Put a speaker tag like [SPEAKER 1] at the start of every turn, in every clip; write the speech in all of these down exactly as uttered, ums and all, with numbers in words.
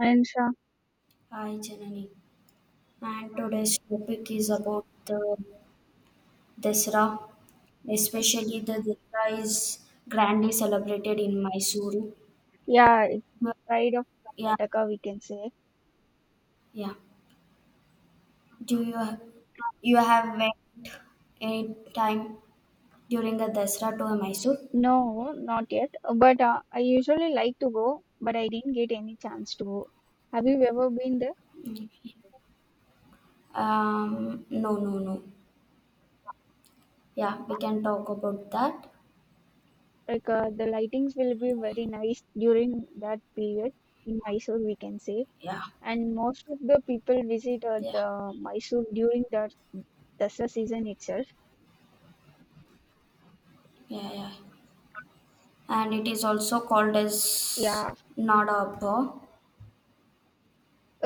[SPEAKER 1] And Sha,
[SPEAKER 2] Hi, Janani. And today's topic is about the Dasra, especially the Dasra is grandly celebrated in Mysuru.
[SPEAKER 1] yeah, it's
[SPEAKER 2] But-
[SPEAKER 1] pride of
[SPEAKER 2] Yeah,
[SPEAKER 1] Karnataka, we can say.
[SPEAKER 2] yeah. Do you you have went any time during the Dasra to Mysore?
[SPEAKER 1] No, not yet. But uh, I usually like to go, but I didn't get any chance to go. Have you ever been there?
[SPEAKER 2] Mm. Um, no, no, no. Yeah, we can talk about that.
[SPEAKER 1] Like uh, the lightings will be very nice during that period in Mysore, we can say.
[SPEAKER 2] Yeah,
[SPEAKER 1] And most of the people visit uh,
[SPEAKER 2] yeah,
[SPEAKER 1] the Mysore during the Dasra season itself.
[SPEAKER 2] yeah, yeah. And it is also called as
[SPEAKER 1] Yeah.
[SPEAKER 2] Nada Abba.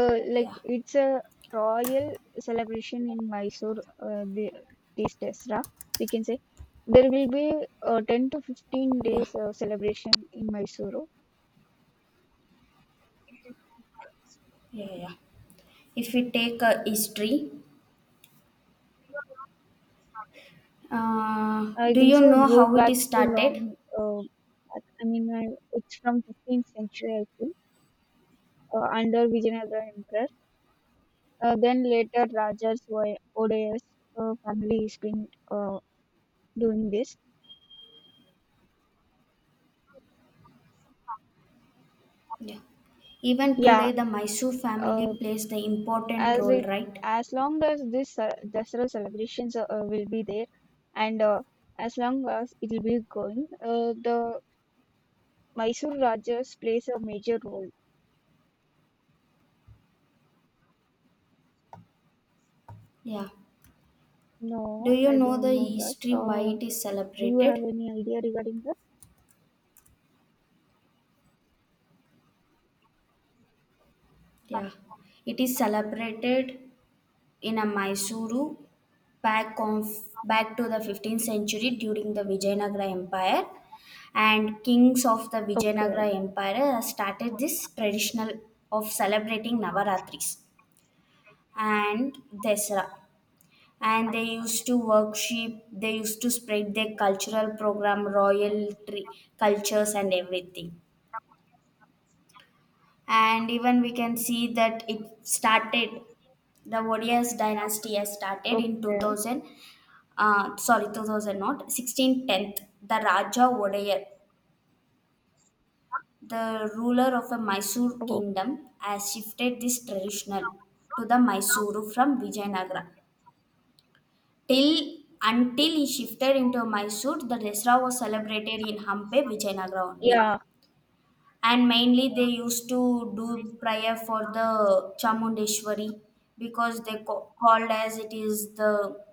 [SPEAKER 1] Uh, like
[SPEAKER 2] Yeah,
[SPEAKER 1] it's a royal celebration in Mysore uh, the, these days, ra, we can say. There will be uh, ten to fifteen
[SPEAKER 2] yeah.
[SPEAKER 1] days uh, celebration in Mysore.
[SPEAKER 2] Yeah, yeah. yeah. If we take a history, uh,
[SPEAKER 1] I
[SPEAKER 2] do
[SPEAKER 1] think
[SPEAKER 2] you
[SPEAKER 1] so. It
[SPEAKER 2] know
[SPEAKER 1] goes
[SPEAKER 2] how it
[SPEAKER 1] back
[SPEAKER 2] is
[SPEAKER 1] to
[SPEAKER 2] started?
[SPEAKER 1] long. Uh, back. I mean, uh, it's from fifteenth century, I think, uh, under Vijayanagara Emperor. Uh, then later, Rajas Odeya's uh, family has been uh, doing this.
[SPEAKER 2] Yeah. Even
[SPEAKER 1] Yeah.
[SPEAKER 2] today, the Mysore
[SPEAKER 1] Uh,
[SPEAKER 2] family plays the important
[SPEAKER 1] As
[SPEAKER 2] role,
[SPEAKER 1] it
[SPEAKER 2] right?
[SPEAKER 1] as long as this uh, Dasara celebrations uh, uh, will be there, and uh, as long as it will be going, uh, the Mysore Rajas plays a major role.
[SPEAKER 2] Yeah. Do
[SPEAKER 1] No,
[SPEAKER 2] you
[SPEAKER 1] I
[SPEAKER 2] know the
[SPEAKER 1] don't know that.
[SPEAKER 2] history why
[SPEAKER 1] Uh,
[SPEAKER 2] it is
[SPEAKER 1] do you have
[SPEAKER 2] celebrated?
[SPEAKER 1] any idea regarding that?
[SPEAKER 2] Yeah. It is celebrated in a Mysuru back of back to the fifteenth century during the Vijayanagara Empire, and kings of the
[SPEAKER 1] Okay,
[SPEAKER 2] Vijayanagara Empire uh, started this traditional of celebrating Navaratris and Desra. And they used to worship, they used to spread their cultural program, royal tree, cultures, and everything. And even we can see that it started, the Odias dynasty has started in
[SPEAKER 1] okay,
[SPEAKER 2] two thousand, uh, sorry, two thousand, not sixteen tenth. The Raja Odayar, the ruler of the Mysore
[SPEAKER 1] oh,
[SPEAKER 2] kingdom, has shifted this traditional to the Mysuru from Vijayanagara. Till Until he shifted into Mysore, the Dasra was celebrated in Hampe, Vijayanagara only.
[SPEAKER 1] yeah,
[SPEAKER 2] And mainly they used to do prayer for the Chamundeshwari because they ca- called as it is the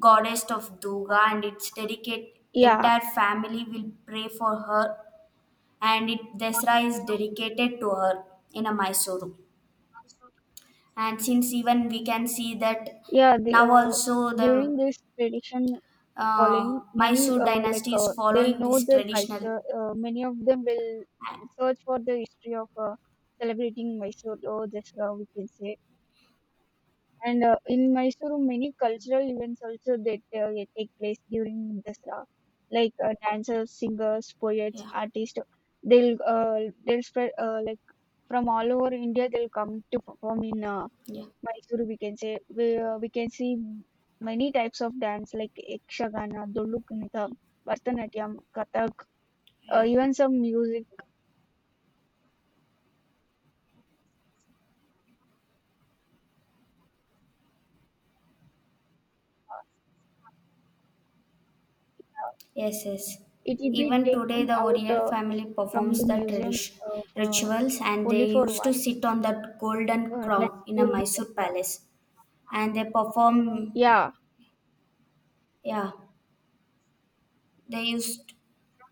[SPEAKER 2] goddess of Durga, and it's dedicate
[SPEAKER 1] yeah.
[SPEAKER 2] entire family will pray for her, and it Dasra is dedicated to her in a Mysore. And since even we can see that
[SPEAKER 1] Yeah, the,
[SPEAKER 2] now
[SPEAKER 1] uh,
[SPEAKER 2] also the
[SPEAKER 1] during this tradition calling,
[SPEAKER 2] uh,
[SPEAKER 1] many
[SPEAKER 2] Mysore
[SPEAKER 1] uh, like
[SPEAKER 2] dynasty
[SPEAKER 1] uh,
[SPEAKER 2] is
[SPEAKER 1] they'll
[SPEAKER 2] following
[SPEAKER 1] know
[SPEAKER 2] this
[SPEAKER 1] their
[SPEAKER 2] traditional.
[SPEAKER 1] culture. Uh, many of them will
[SPEAKER 2] and-
[SPEAKER 1] search for the history of uh, celebrating Mysore or Dasara, we can say. And uh, in Mysore, many cultural events also that uh, they take place during Dasara, like uh, dancers, singers, poets,
[SPEAKER 2] Yeah,
[SPEAKER 1] artists. They'll uh, they'll spread uh, like from all over India. They'll come to perform in uh,
[SPEAKER 2] yeah,
[SPEAKER 1] Mysuru, we can say we, uh, we can see many types of dance like Ekshagana, Doluknitha, Bharatanatyam, Kathak, uh,
[SPEAKER 2] yeah.
[SPEAKER 1] even some music. uh,
[SPEAKER 2] Yes, yes.
[SPEAKER 1] It will be
[SPEAKER 2] Even today,
[SPEAKER 1] taken
[SPEAKER 2] the
[SPEAKER 1] out
[SPEAKER 2] Oriental
[SPEAKER 1] uh,
[SPEAKER 2] family
[SPEAKER 1] from the
[SPEAKER 2] performs the
[SPEAKER 1] museum
[SPEAKER 2] tradition
[SPEAKER 1] uh, for
[SPEAKER 2] rituals, and
[SPEAKER 1] only
[SPEAKER 2] they
[SPEAKER 1] for
[SPEAKER 2] used to
[SPEAKER 1] once.
[SPEAKER 2] sit on that golden
[SPEAKER 1] Uh, that's
[SPEAKER 2] crown in a
[SPEAKER 1] during
[SPEAKER 2] Mysore
[SPEAKER 1] Dasara.
[SPEAKER 2] palace, and they perform.
[SPEAKER 1] Yeah,
[SPEAKER 2] Yeah, they used.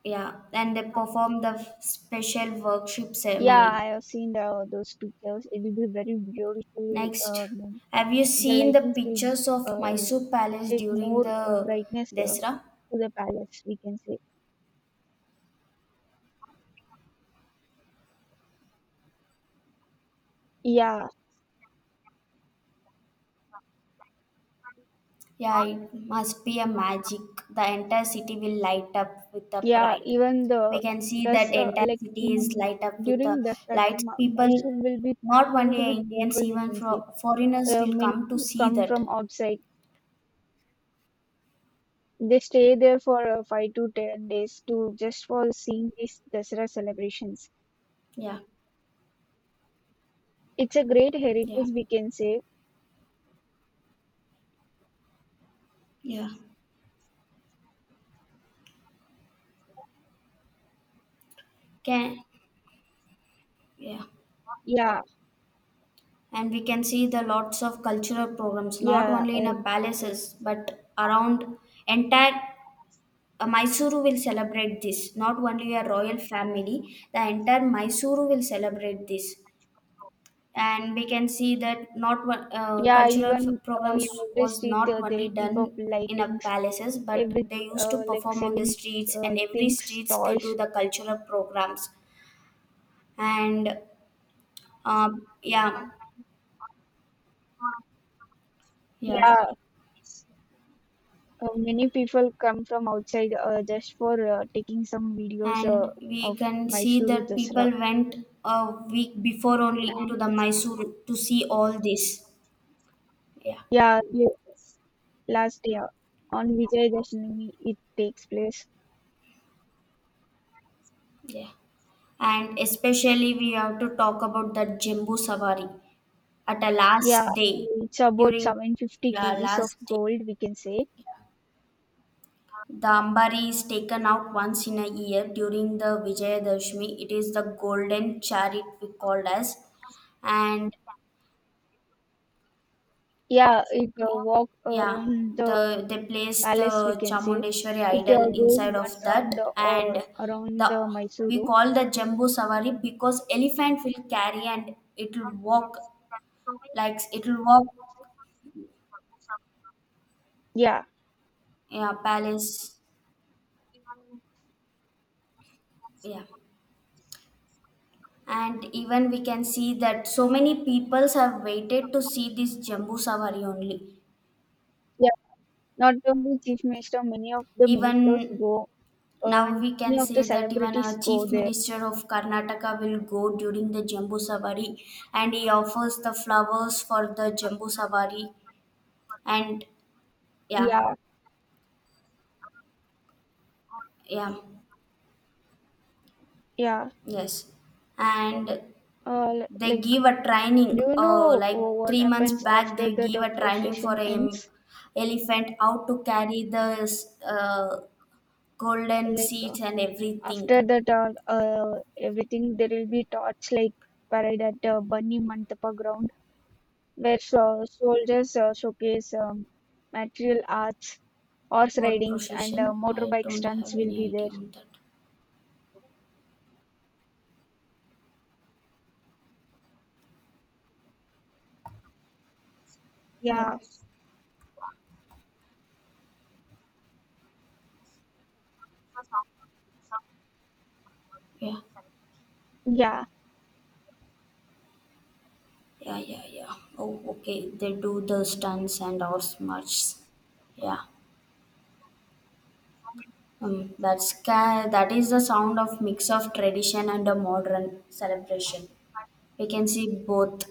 [SPEAKER 2] Yeah, and they perform the special worship
[SPEAKER 1] yeah, I
[SPEAKER 2] ceremony.
[SPEAKER 1] have seen the, those pictures. It will be very beautiful. Uh,
[SPEAKER 2] Next, have you
[SPEAKER 1] the
[SPEAKER 2] seen the
[SPEAKER 1] lightings will
[SPEAKER 2] pictures of
[SPEAKER 1] uh,
[SPEAKER 2] Mysore palace
[SPEAKER 1] take
[SPEAKER 2] during
[SPEAKER 1] more uh,
[SPEAKER 2] the
[SPEAKER 1] brightness uh,
[SPEAKER 2] Desra?
[SPEAKER 1] to the palace. We can say. Yeah.
[SPEAKER 2] Yeah, it must be a magic. The entire city will light up with the
[SPEAKER 1] Yeah,
[SPEAKER 2] pride.
[SPEAKER 1] even the
[SPEAKER 2] We can see
[SPEAKER 1] this
[SPEAKER 2] that
[SPEAKER 1] uh,
[SPEAKER 2] entire
[SPEAKER 1] like
[SPEAKER 2] city is
[SPEAKER 1] in
[SPEAKER 2] light up with the
[SPEAKER 1] during Dasra time,
[SPEAKER 2] lights.
[SPEAKER 1] Ma- Mysore
[SPEAKER 2] People,
[SPEAKER 1] will be
[SPEAKER 2] not
[SPEAKER 1] filled
[SPEAKER 2] only
[SPEAKER 1] with
[SPEAKER 2] Indians,
[SPEAKER 1] people. We
[SPEAKER 2] even
[SPEAKER 1] can say
[SPEAKER 2] for foreigners
[SPEAKER 1] uh,
[SPEAKER 2] will
[SPEAKER 1] many
[SPEAKER 2] come to see
[SPEAKER 1] come
[SPEAKER 2] that.
[SPEAKER 1] from outside. They stay there for uh, five to ten days to just for seeing these Dasra celebrations.
[SPEAKER 2] Yeah,
[SPEAKER 1] It's a great
[SPEAKER 2] yeah,
[SPEAKER 1] heritage, we can say.
[SPEAKER 2] yeah. Can Yeah.
[SPEAKER 1] Yeah,
[SPEAKER 2] And we can see the lots of cultural programs, not
[SPEAKER 1] yeah,
[SPEAKER 2] only in a
[SPEAKER 1] uh,
[SPEAKER 2] palaces, but around entire uh, Mysuru will celebrate this. Not only a royal family, the entire Mysuru will celebrate this. And we can see that not one uh,
[SPEAKER 1] yeah.
[SPEAKER 2] cultural f-
[SPEAKER 1] Even uh, in
[SPEAKER 2] programs
[SPEAKER 1] every
[SPEAKER 2] was
[SPEAKER 1] street,
[SPEAKER 2] not
[SPEAKER 1] uh,
[SPEAKER 2] only
[SPEAKER 1] they'll keep up
[SPEAKER 2] done in a
[SPEAKER 1] lightings,
[SPEAKER 2] palaces, but
[SPEAKER 1] everything,
[SPEAKER 2] they used to
[SPEAKER 1] uh, like
[SPEAKER 2] perform on the
[SPEAKER 1] selling
[SPEAKER 2] streets,
[SPEAKER 1] uh,
[SPEAKER 2] and every
[SPEAKER 1] things,
[SPEAKER 2] streets they do
[SPEAKER 1] toys.
[SPEAKER 2] the cultural programs. And um, yeah, yeah,
[SPEAKER 1] Yeah, uh, many people come from outside uh, just for uh, taking some videos uh,
[SPEAKER 2] and we
[SPEAKER 1] of
[SPEAKER 2] can see
[SPEAKER 1] Mysuru
[SPEAKER 2] that
[SPEAKER 1] Dasara.
[SPEAKER 2] people went a week before only to
[SPEAKER 1] And
[SPEAKER 2] the Mysore to see all this. Yeah,
[SPEAKER 1] yeah, ye- last year on Vijay Dashami it takes place.
[SPEAKER 2] yeah. And especially we have to talk about the Jembu Savari. At a last
[SPEAKER 1] Yeah,
[SPEAKER 2] day,
[SPEAKER 1] it's about
[SPEAKER 2] during
[SPEAKER 1] seven hundred fifty
[SPEAKER 2] yeah,
[SPEAKER 1] kgs of
[SPEAKER 2] last day,
[SPEAKER 1] gold, we can say.
[SPEAKER 2] the ambari is taken out once in a year during the Vijayadashmi. It is the golden chariot we called as, and
[SPEAKER 1] Yeah, it uh, walk
[SPEAKER 2] yeah,
[SPEAKER 1] around the
[SPEAKER 2] the they place the
[SPEAKER 1] palace, we can say.
[SPEAKER 2] Chamundeshwari
[SPEAKER 1] It
[SPEAKER 2] idol
[SPEAKER 1] uh, goes
[SPEAKER 2] inside
[SPEAKER 1] one
[SPEAKER 2] of that,
[SPEAKER 1] round uh,
[SPEAKER 2] and
[SPEAKER 1] around
[SPEAKER 2] the
[SPEAKER 1] the
[SPEAKER 2] we
[SPEAKER 1] Mysuru.
[SPEAKER 2] call the Jambu Savari because elephant will carry and it will walk, like it will walk,
[SPEAKER 1] Yeah.
[SPEAKER 2] yeah, palace. Yeah. And even we can see that so many peoples have waited to see this Jambu Savari only.
[SPEAKER 1] Not only chief minister, many of the ministers
[SPEAKER 2] Even
[SPEAKER 1] go, uh,
[SPEAKER 2] now
[SPEAKER 1] and
[SPEAKER 2] we can
[SPEAKER 1] many of the
[SPEAKER 2] say that even a
[SPEAKER 1] celebrities go
[SPEAKER 2] chief
[SPEAKER 1] there.
[SPEAKER 2] minister of Karnataka will go during the Jambu Savari, and he offers the flowers for the Jambu Savari. And yeah,
[SPEAKER 1] Yeah,
[SPEAKER 2] yeah,
[SPEAKER 1] yeah.
[SPEAKER 2] yes. And
[SPEAKER 1] Uh, li-
[SPEAKER 2] they
[SPEAKER 1] like,
[SPEAKER 2] give a
[SPEAKER 1] do
[SPEAKER 2] training
[SPEAKER 1] you
[SPEAKER 2] uh,
[SPEAKER 1] know
[SPEAKER 2] like
[SPEAKER 1] wh- what
[SPEAKER 2] three months
[SPEAKER 1] happens
[SPEAKER 2] back.
[SPEAKER 1] after
[SPEAKER 2] They
[SPEAKER 1] that
[SPEAKER 2] give
[SPEAKER 1] uh,
[SPEAKER 2] a training for
[SPEAKER 1] procession
[SPEAKER 2] a
[SPEAKER 1] ends?
[SPEAKER 2] elephant how to carry the uh, golden
[SPEAKER 1] Like, uh,
[SPEAKER 2] seats and everything.
[SPEAKER 1] after that, uh, uh, everything there will be torch like parade at uh, Bunny Mantapa ground, where so- soldiers uh, showcase um, material arts, horse
[SPEAKER 2] What
[SPEAKER 1] ridings, and uh,
[SPEAKER 2] procession? I
[SPEAKER 1] motorbike
[SPEAKER 2] don't
[SPEAKER 1] stunts
[SPEAKER 2] have
[SPEAKER 1] will be
[SPEAKER 2] any
[SPEAKER 1] there.
[SPEAKER 2] idea on that. Uh,
[SPEAKER 1] Yeah,
[SPEAKER 2] yeah,
[SPEAKER 1] yeah.
[SPEAKER 2] yeah, yeah, yeah. Oh, okay. They do the stunts and all much. Yeah. Um, that's ca- that is the sound of mix of tradition and a modern celebration. We can see both,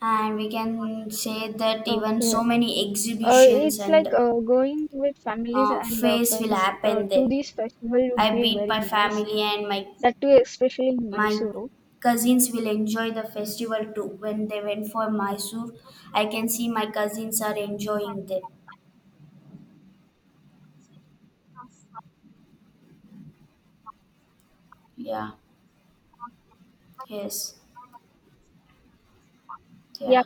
[SPEAKER 2] and we can say that even
[SPEAKER 1] Okay.
[SPEAKER 2] so many
[SPEAKER 1] Uh,
[SPEAKER 2] exhibitions
[SPEAKER 1] it's like
[SPEAKER 2] and
[SPEAKER 1] uh, going with families
[SPEAKER 2] uh,
[SPEAKER 1] and uh,
[SPEAKER 2] fairs will
[SPEAKER 1] friends uh,
[SPEAKER 2] happen
[SPEAKER 1] to
[SPEAKER 2] there.
[SPEAKER 1] this festival would
[SPEAKER 2] I
[SPEAKER 1] be
[SPEAKER 2] beat
[SPEAKER 1] very
[SPEAKER 2] my
[SPEAKER 1] nice.
[SPEAKER 2] family and my
[SPEAKER 1] That too, especially in
[SPEAKER 2] My
[SPEAKER 1] Mysuru.
[SPEAKER 2] cousins will enjoy the festival too. When they went for Mysore, I can see my cousins are enjoying them. Yeah, yes,
[SPEAKER 1] Yeah,
[SPEAKER 2] yeah.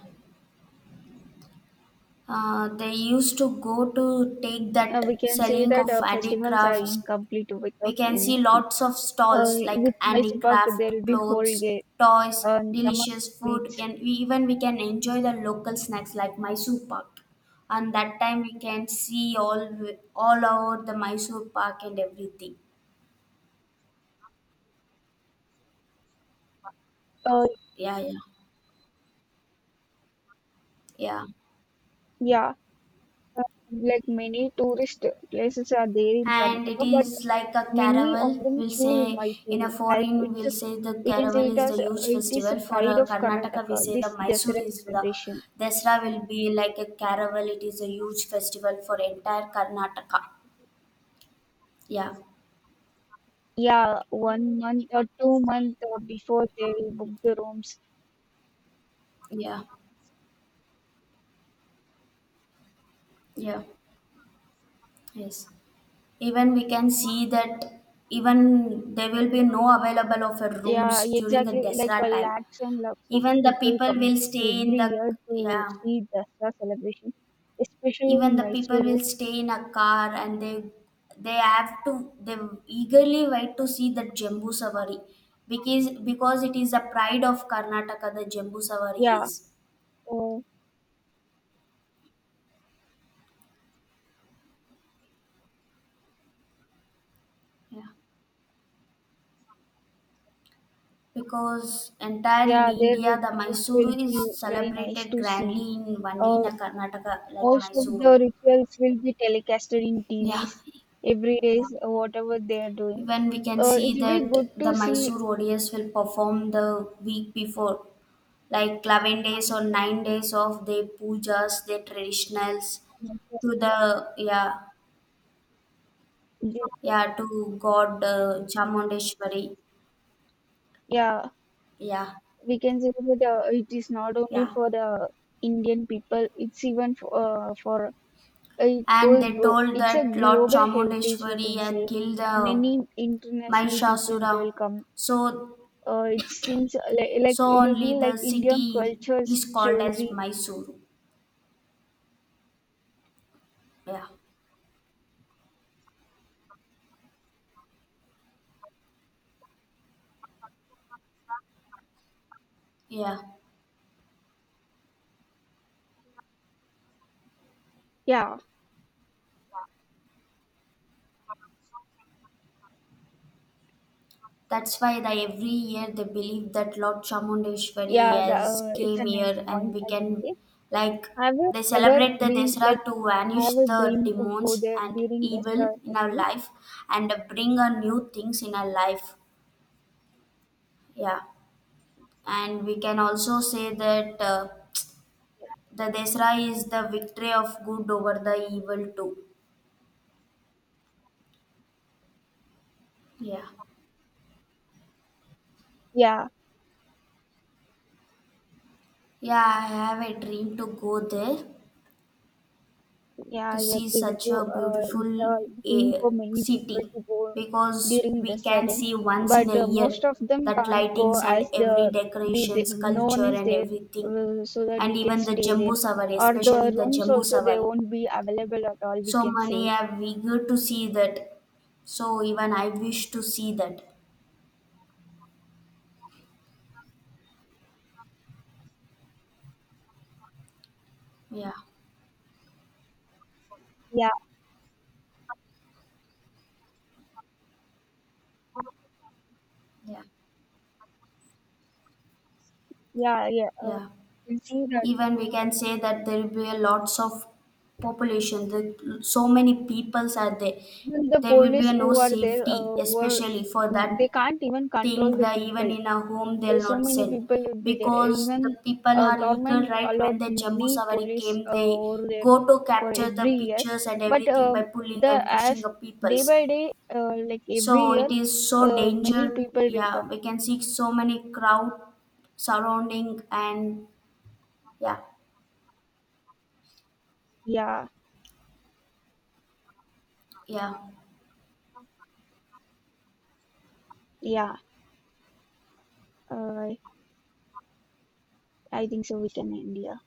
[SPEAKER 2] Uh, they used to go to take
[SPEAKER 1] uh, we
[SPEAKER 2] that
[SPEAKER 1] can say
[SPEAKER 2] selling
[SPEAKER 1] that
[SPEAKER 2] of
[SPEAKER 1] uh, festivals are
[SPEAKER 2] handicrafts.
[SPEAKER 1] incomplete
[SPEAKER 2] We
[SPEAKER 1] without
[SPEAKER 2] can
[SPEAKER 1] any
[SPEAKER 2] see
[SPEAKER 1] sweets.
[SPEAKER 2] lots of
[SPEAKER 1] Uh,
[SPEAKER 2] stalls
[SPEAKER 1] with
[SPEAKER 2] like
[SPEAKER 1] Mysore Pak, there will
[SPEAKER 2] handicraft,
[SPEAKER 1] be whole
[SPEAKER 2] clothes,
[SPEAKER 1] gate
[SPEAKER 2] toys,
[SPEAKER 1] and some of
[SPEAKER 2] delicious
[SPEAKER 1] the
[SPEAKER 2] food,
[SPEAKER 1] sweets.
[SPEAKER 2] and we, even we can enjoy the local snacks like Mysore Pak. And that time we can see all all over the Mysore Park and everything.
[SPEAKER 1] Uh,
[SPEAKER 2] Yeah, yeah, yeah.
[SPEAKER 1] yeah, uh, like many tourist places are there in
[SPEAKER 2] And it
[SPEAKER 1] Karnataka, but
[SPEAKER 2] is like a
[SPEAKER 1] many
[SPEAKER 2] caravel,
[SPEAKER 1] of them
[SPEAKER 2] we'll say,
[SPEAKER 1] choose
[SPEAKER 2] in a
[SPEAKER 1] Mysuru as
[SPEAKER 2] foreign
[SPEAKER 1] it's a-
[SPEAKER 2] we'll say the
[SPEAKER 1] we can say
[SPEAKER 2] caravel
[SPEAKER 1] it
[SPEAKER 2] is the
[SPEAKER 1] as uh,
[SPEAKER 2] huge
[SPEAKER 1] it is a
[SPEAKER 2] festival for uh,
[SPEAKER 1] pride of
[SPEAKER 2] Karnataka. We
[SPEAKER 1] Karnataka.
[SPEAKER 2] say the
[SPEAKER 1] This
[SPEAKER 2] Mysore
[SPEAKER 1] Dasara
[SPEAKER 2] is the
[SPEAKER 1] celebration.
[SPEAKER 2] Desra will be like a caravel. It is a huge festival for entire Karnataka. Yeah,
[SPEAKER 1] Yeah, one month or two month uh, before they will book the rooms.
[SPEAKER 2] yeah, yeah, yes. Even we can see that even there will be no available of uh, rooms
[SPEAKER 1] Yeah,
[SPEAKER 2] during the
[SPEAKER 1] exactly. Like
[SPEAKER 2] Desra
[SPEAKER 1] uh,
[SPEAKER 2] time.
[SPEAKER 1] lakhs and lakhs of
[SPEAKER 2] Even the
[SPEAKER 1] people
[SPEAKER 2] people
[SPEAKER 1] come
[SPEAKER 2] will stay in
[SPEAKER 1] every
[SPEAKER 2] the
[SPEAKER 1] year to
[SPEAKER 2] Yeah,
[SPEAKER 1] see Dasara celebration, especially
[SPEAKER 2] even
[SPEAKER 1] in
[SPEAKER 2] the people will
[SPEAKER 1] Mysuru.
[SPEAKER 2] stay in a car, and they they have to they eagerly wait to see the Jambu Savari, because because it is the pride of Karnataka, the Jambu Savari
[SPEAKER 1] Yeah,
[SPEAKER 2] is,
[SPEAKER 1] uh,
[SPEAKER 2] yeah, because entire in
[SPEAKER 1] yeah, their
[SPEAKER 2] India the
[SPEAKER 1] rituals will
[SPEAKER 2] Mysuru
[SPEAKER 1] be
[SPEAKER 2] is
[SPEAKER 1] very nice
[SPEAKER 2] celebrated
[SPEAKER 1] to see.
[SPEAKER 2] grandly in only in
[SPEAKER 1] Uh,
[SPEAKER 2] Karnataka, like
[SPEAKER 1] Most of the
[SPEAKER 2] Mysuru.
[SPEAKER 1] rituals will be telecasted in
[SPEAKER 2] Yeah,
[SPEAKER 1] T Vs every day, whatever they are doing.
[SPEAKER 2] even we can
[SPEAKER 1] Uh, it
[SPEAKER 2] see
[SPEAKER 1] will be
[SPEAKER 2] that
[SPEAKER 1] good
[SPEAKER 2] the
[SPEAKER 1] to see.
[SPEAKER 2] Mysuru O D S will perform the week before, like eleven days or nine days of their pujas, their traditionals to the, yeah, yeah, to God uh, Chamundeshwari.
[SPEAKER 1] Yeah,
[SPEAKER 2] Yeah,
[SPEAKER 1] we can say that uh, it is not only
[SPEAKER 2] yeah.
[SPEAKER 1] for the Indian people, it's even for, uh, for uh, it
[SPEAKER 2] And
[SPEAKER 1] goes,
[SPEAKER 2] they
[SPEAKER 1] go-
[SPEAKER 2] told
[SPEAKER 1] it's a
[SPEAKER 2] that Lord
[SPEAKER 1] global heritage, we
[SPEAKER 2] Chamundeshwari
[SPEAKER 1] can
[SPEAKER 2] had
[SPEAKER 1] say.
[SPEAKER 2] killed the
[SPEAKER 1] Many international people they'll
[SPEAKER 2] Mahishasura.
[SPEAKER 1] come.
[SPEAKER 2] So,
[SPEAKER 1] Uh, it seems uh, like, like
[SPEAKER 2] so
[SPEAKER 1] it'll
[SPEAKER 2] only
[SPEAKER 1] be like
[SPEAKER 2] the
[SPEAKER 1] Indian
[SPEAKER 2] city
[SPEAKER 1] cultures,
[SPEAKER 2] is called as
[SPEAKER 1] jewelry.
[SPEAKER 2] Mysuru. Yeah, yeah.
[SPEAKER 1] Yeah,
[SPEAKER 2] That's why they, every year they believe that Lord Chamundeshwari
[SPEAKER 1] yeah, the,
[SPEAKER 2] has
[SPEAKER 1] uh, it's a
[SPEAKER 2] came
[SPEAKER 1] nice
[SPEAKER 2] here, and
[SPEAKER 1] point,
[SPEAKER 2] we
[SPEAKER 1] I can
[SPEAKER 2] can
[SPEAKER 1] say.
[SPEAKER 2] like
[SPEAKER 1] Have you
[SPEAKER 2] they
[SPEAKER 1] ever
[SPEAKER 2] celebrate the
[SPEAKER 1] been like,
[SPEAKER 2] Desra to vanish
[SPEAKER 1] have a
[SPEAKER 2] the
[SPEAKER 1] dream to go
[SPEAKER 2] demons
[SPEAKER 1] there
[SPEAKER 2] and
[SPEAKER 1] during this
[SPEAKER 2] evil
[SPEAKER 1] uh,
[SPEAKER 2] in our
[SPEAKER 1] festival?
[SPEAKER 2] life, and bring a new things in our life. Yeah. And we can also say that uh, the Desra is the victory of good over the evil too. Yeah.
[SPEAKER 1] Yeah.
[SPEAKER 2] Yeah, I have a dream to go there
[SPEAKER 1] Yeah,
[SPEAKER 2] to
[SPEAKER 1] I
[SPEAKER 2] see
[SPEAKER 1] agree with
[SPEAKER 2] such
[SPEAKER 1] you.
[SPEAKER 2] a
[SPEAKER 1] Uh,
[SPEAKER 2] beautiful
[SPEAKER 1] it's a dream
[SPEAKER 2] eh,
[SPEAKER 1] for many people
[SPEAKER 2] city,
[SPEAKER 1] to go
[SPEAKER 2] because
[SPEAKER 1] during
[SPEAKER 2] we
[SPEAKER 1] this
[SPEAKER 2] can
[SPEAKER 1] setting,
[SPEAKER 2] see once in
[SPEAKER 1] but
[SPEAKER 2] a
[SPEAKER 1] uh,
[SPEAKER 2] year
[SPEAKER 1] most of them
[SPEAKER 2] that
[SPEAKER 1] can't go
[SPEAKER 2] lightings and
[SPEAKER 1] as
[SPEAKER 2] every
[SPEAKER 1] the be the,
[SPEAKER 2] decorations
[SPEAKER 1] no one
[SPEAKER 2] culture
[SPEAKER 1] is
[SPEAKER 2] and
[SPEAKER 1] there
[SPEAKER 2] everything,
[SPEAKER 1] uh, so that
[SPEAKER 2] and
[SPEAKER 1] we can
[SPEAKER 2] even the
[SPEAKER 1] stay there.
[SPEAKER 2] Jambu Savari,
[SPEAKER 1] Or
[SPEAKER 2] especially
[SPEAKER 1] the
[SPEAKER 2] the
[SPEAKER 1] rooms
[SPEAKER 2] Jambu
[SPEAKER 1] also they
[SPEAKER 2] Savari,
[SPEAKER 1] won't be available at all. We
[SPEAKER 2] so
[SPEAKER 1] can
[SPEAKER 2] many
[SPEAKER 1] say
[SPEAKER 2] have we good to see that, so even I wish to see that. Yeah,
[SPEAKER 1] yeah,
[SPEAKER 2] yeah,
[SPEAKER 1] yeah, yeah. Uh,
[SPEAKER 2] yeah.
[SPEAKER 1] we can see that
[SPEAKER 2] Even we can say that there will be a lots of population, the, so many peoples are there,
[SPEAKER 1] even the
[SPEAKER 2] there will be
[SPEAKER 1] police
[SPEAKER 2] a no
[SPEAKER 1] who are there
[SPEAKER 2] safety,
[SPEAKER 1] uh, were
[SPEAKER 2] especially for that
[SPEAKER 1] they can't even
[SPEAKER 2] thing,
[SPEAKER 1] control the
[SPEAKER 2] that
[SPEAKER 1] people.
[SPEAKER 2] even in a home
[SPEAKER 1] Uh,
[SPEAKER 2] they'll
[SPEAKER 1] so
[SPEAKER 2] not
[SPEAKER 1] many
[SPEAKER 2] sell,
[SPEAKER 1] people would be there.
[SPEAKER 2] because
[SPEAKER 1] Even
[SPEAKER 2] the people
[SPEAKER 1] uh,
[SPEAKER 2] are eager,
[SPEAKER 1] government
[SPEAKER 2] right, when
[SPEAKER 1] allots
[SPEAKER 2] the Jambu
[SPEAKER 1] many
[SPEAKER 2] Savari
[SPEAKER 1] police
[SPEAKER 2] came,
[SPEAKER 1] uh,
[SPEAKER 2] they
[SPEAKER 1] over there
[SPEAKER 2] go to
[SPEAKER 1] for
[SPEAKER 2] capture the
[SPEAKER 1] every year.
[SPEAKER 2] pictures and
[SPEAKER 1] But
[SPEAKER 2] everything by
[SPEAKER 1] um,
[SPEAKER 2] pulling
[SPEAKER 1] the
[SPEAKER 2] and pushing
[SPEAKER 1] as
[SPEAKER 2] the
[SPEAKER 1] day
[SPEAKER 2] peoples.
[SPEAKER 1] by day, uh, like
[SPEAKER 2] So
[SPEAKER 1] every year,
[SPEAKER 2] it is so
[SPEAKER 1] uh,
[SPEAKER 2] danger,
[SPEAKER 1] many people will
[SPEAKER 2] yeah,
[SPEAKER 1] come.
[SPEAKER 2] we can see so many crowd surrounding. And yeah,
[SPEAKER 1] Yeah,
[SPEAKER 2] yeah,
[SPEAKER 1] yeah. Uh, I think so. We can end here.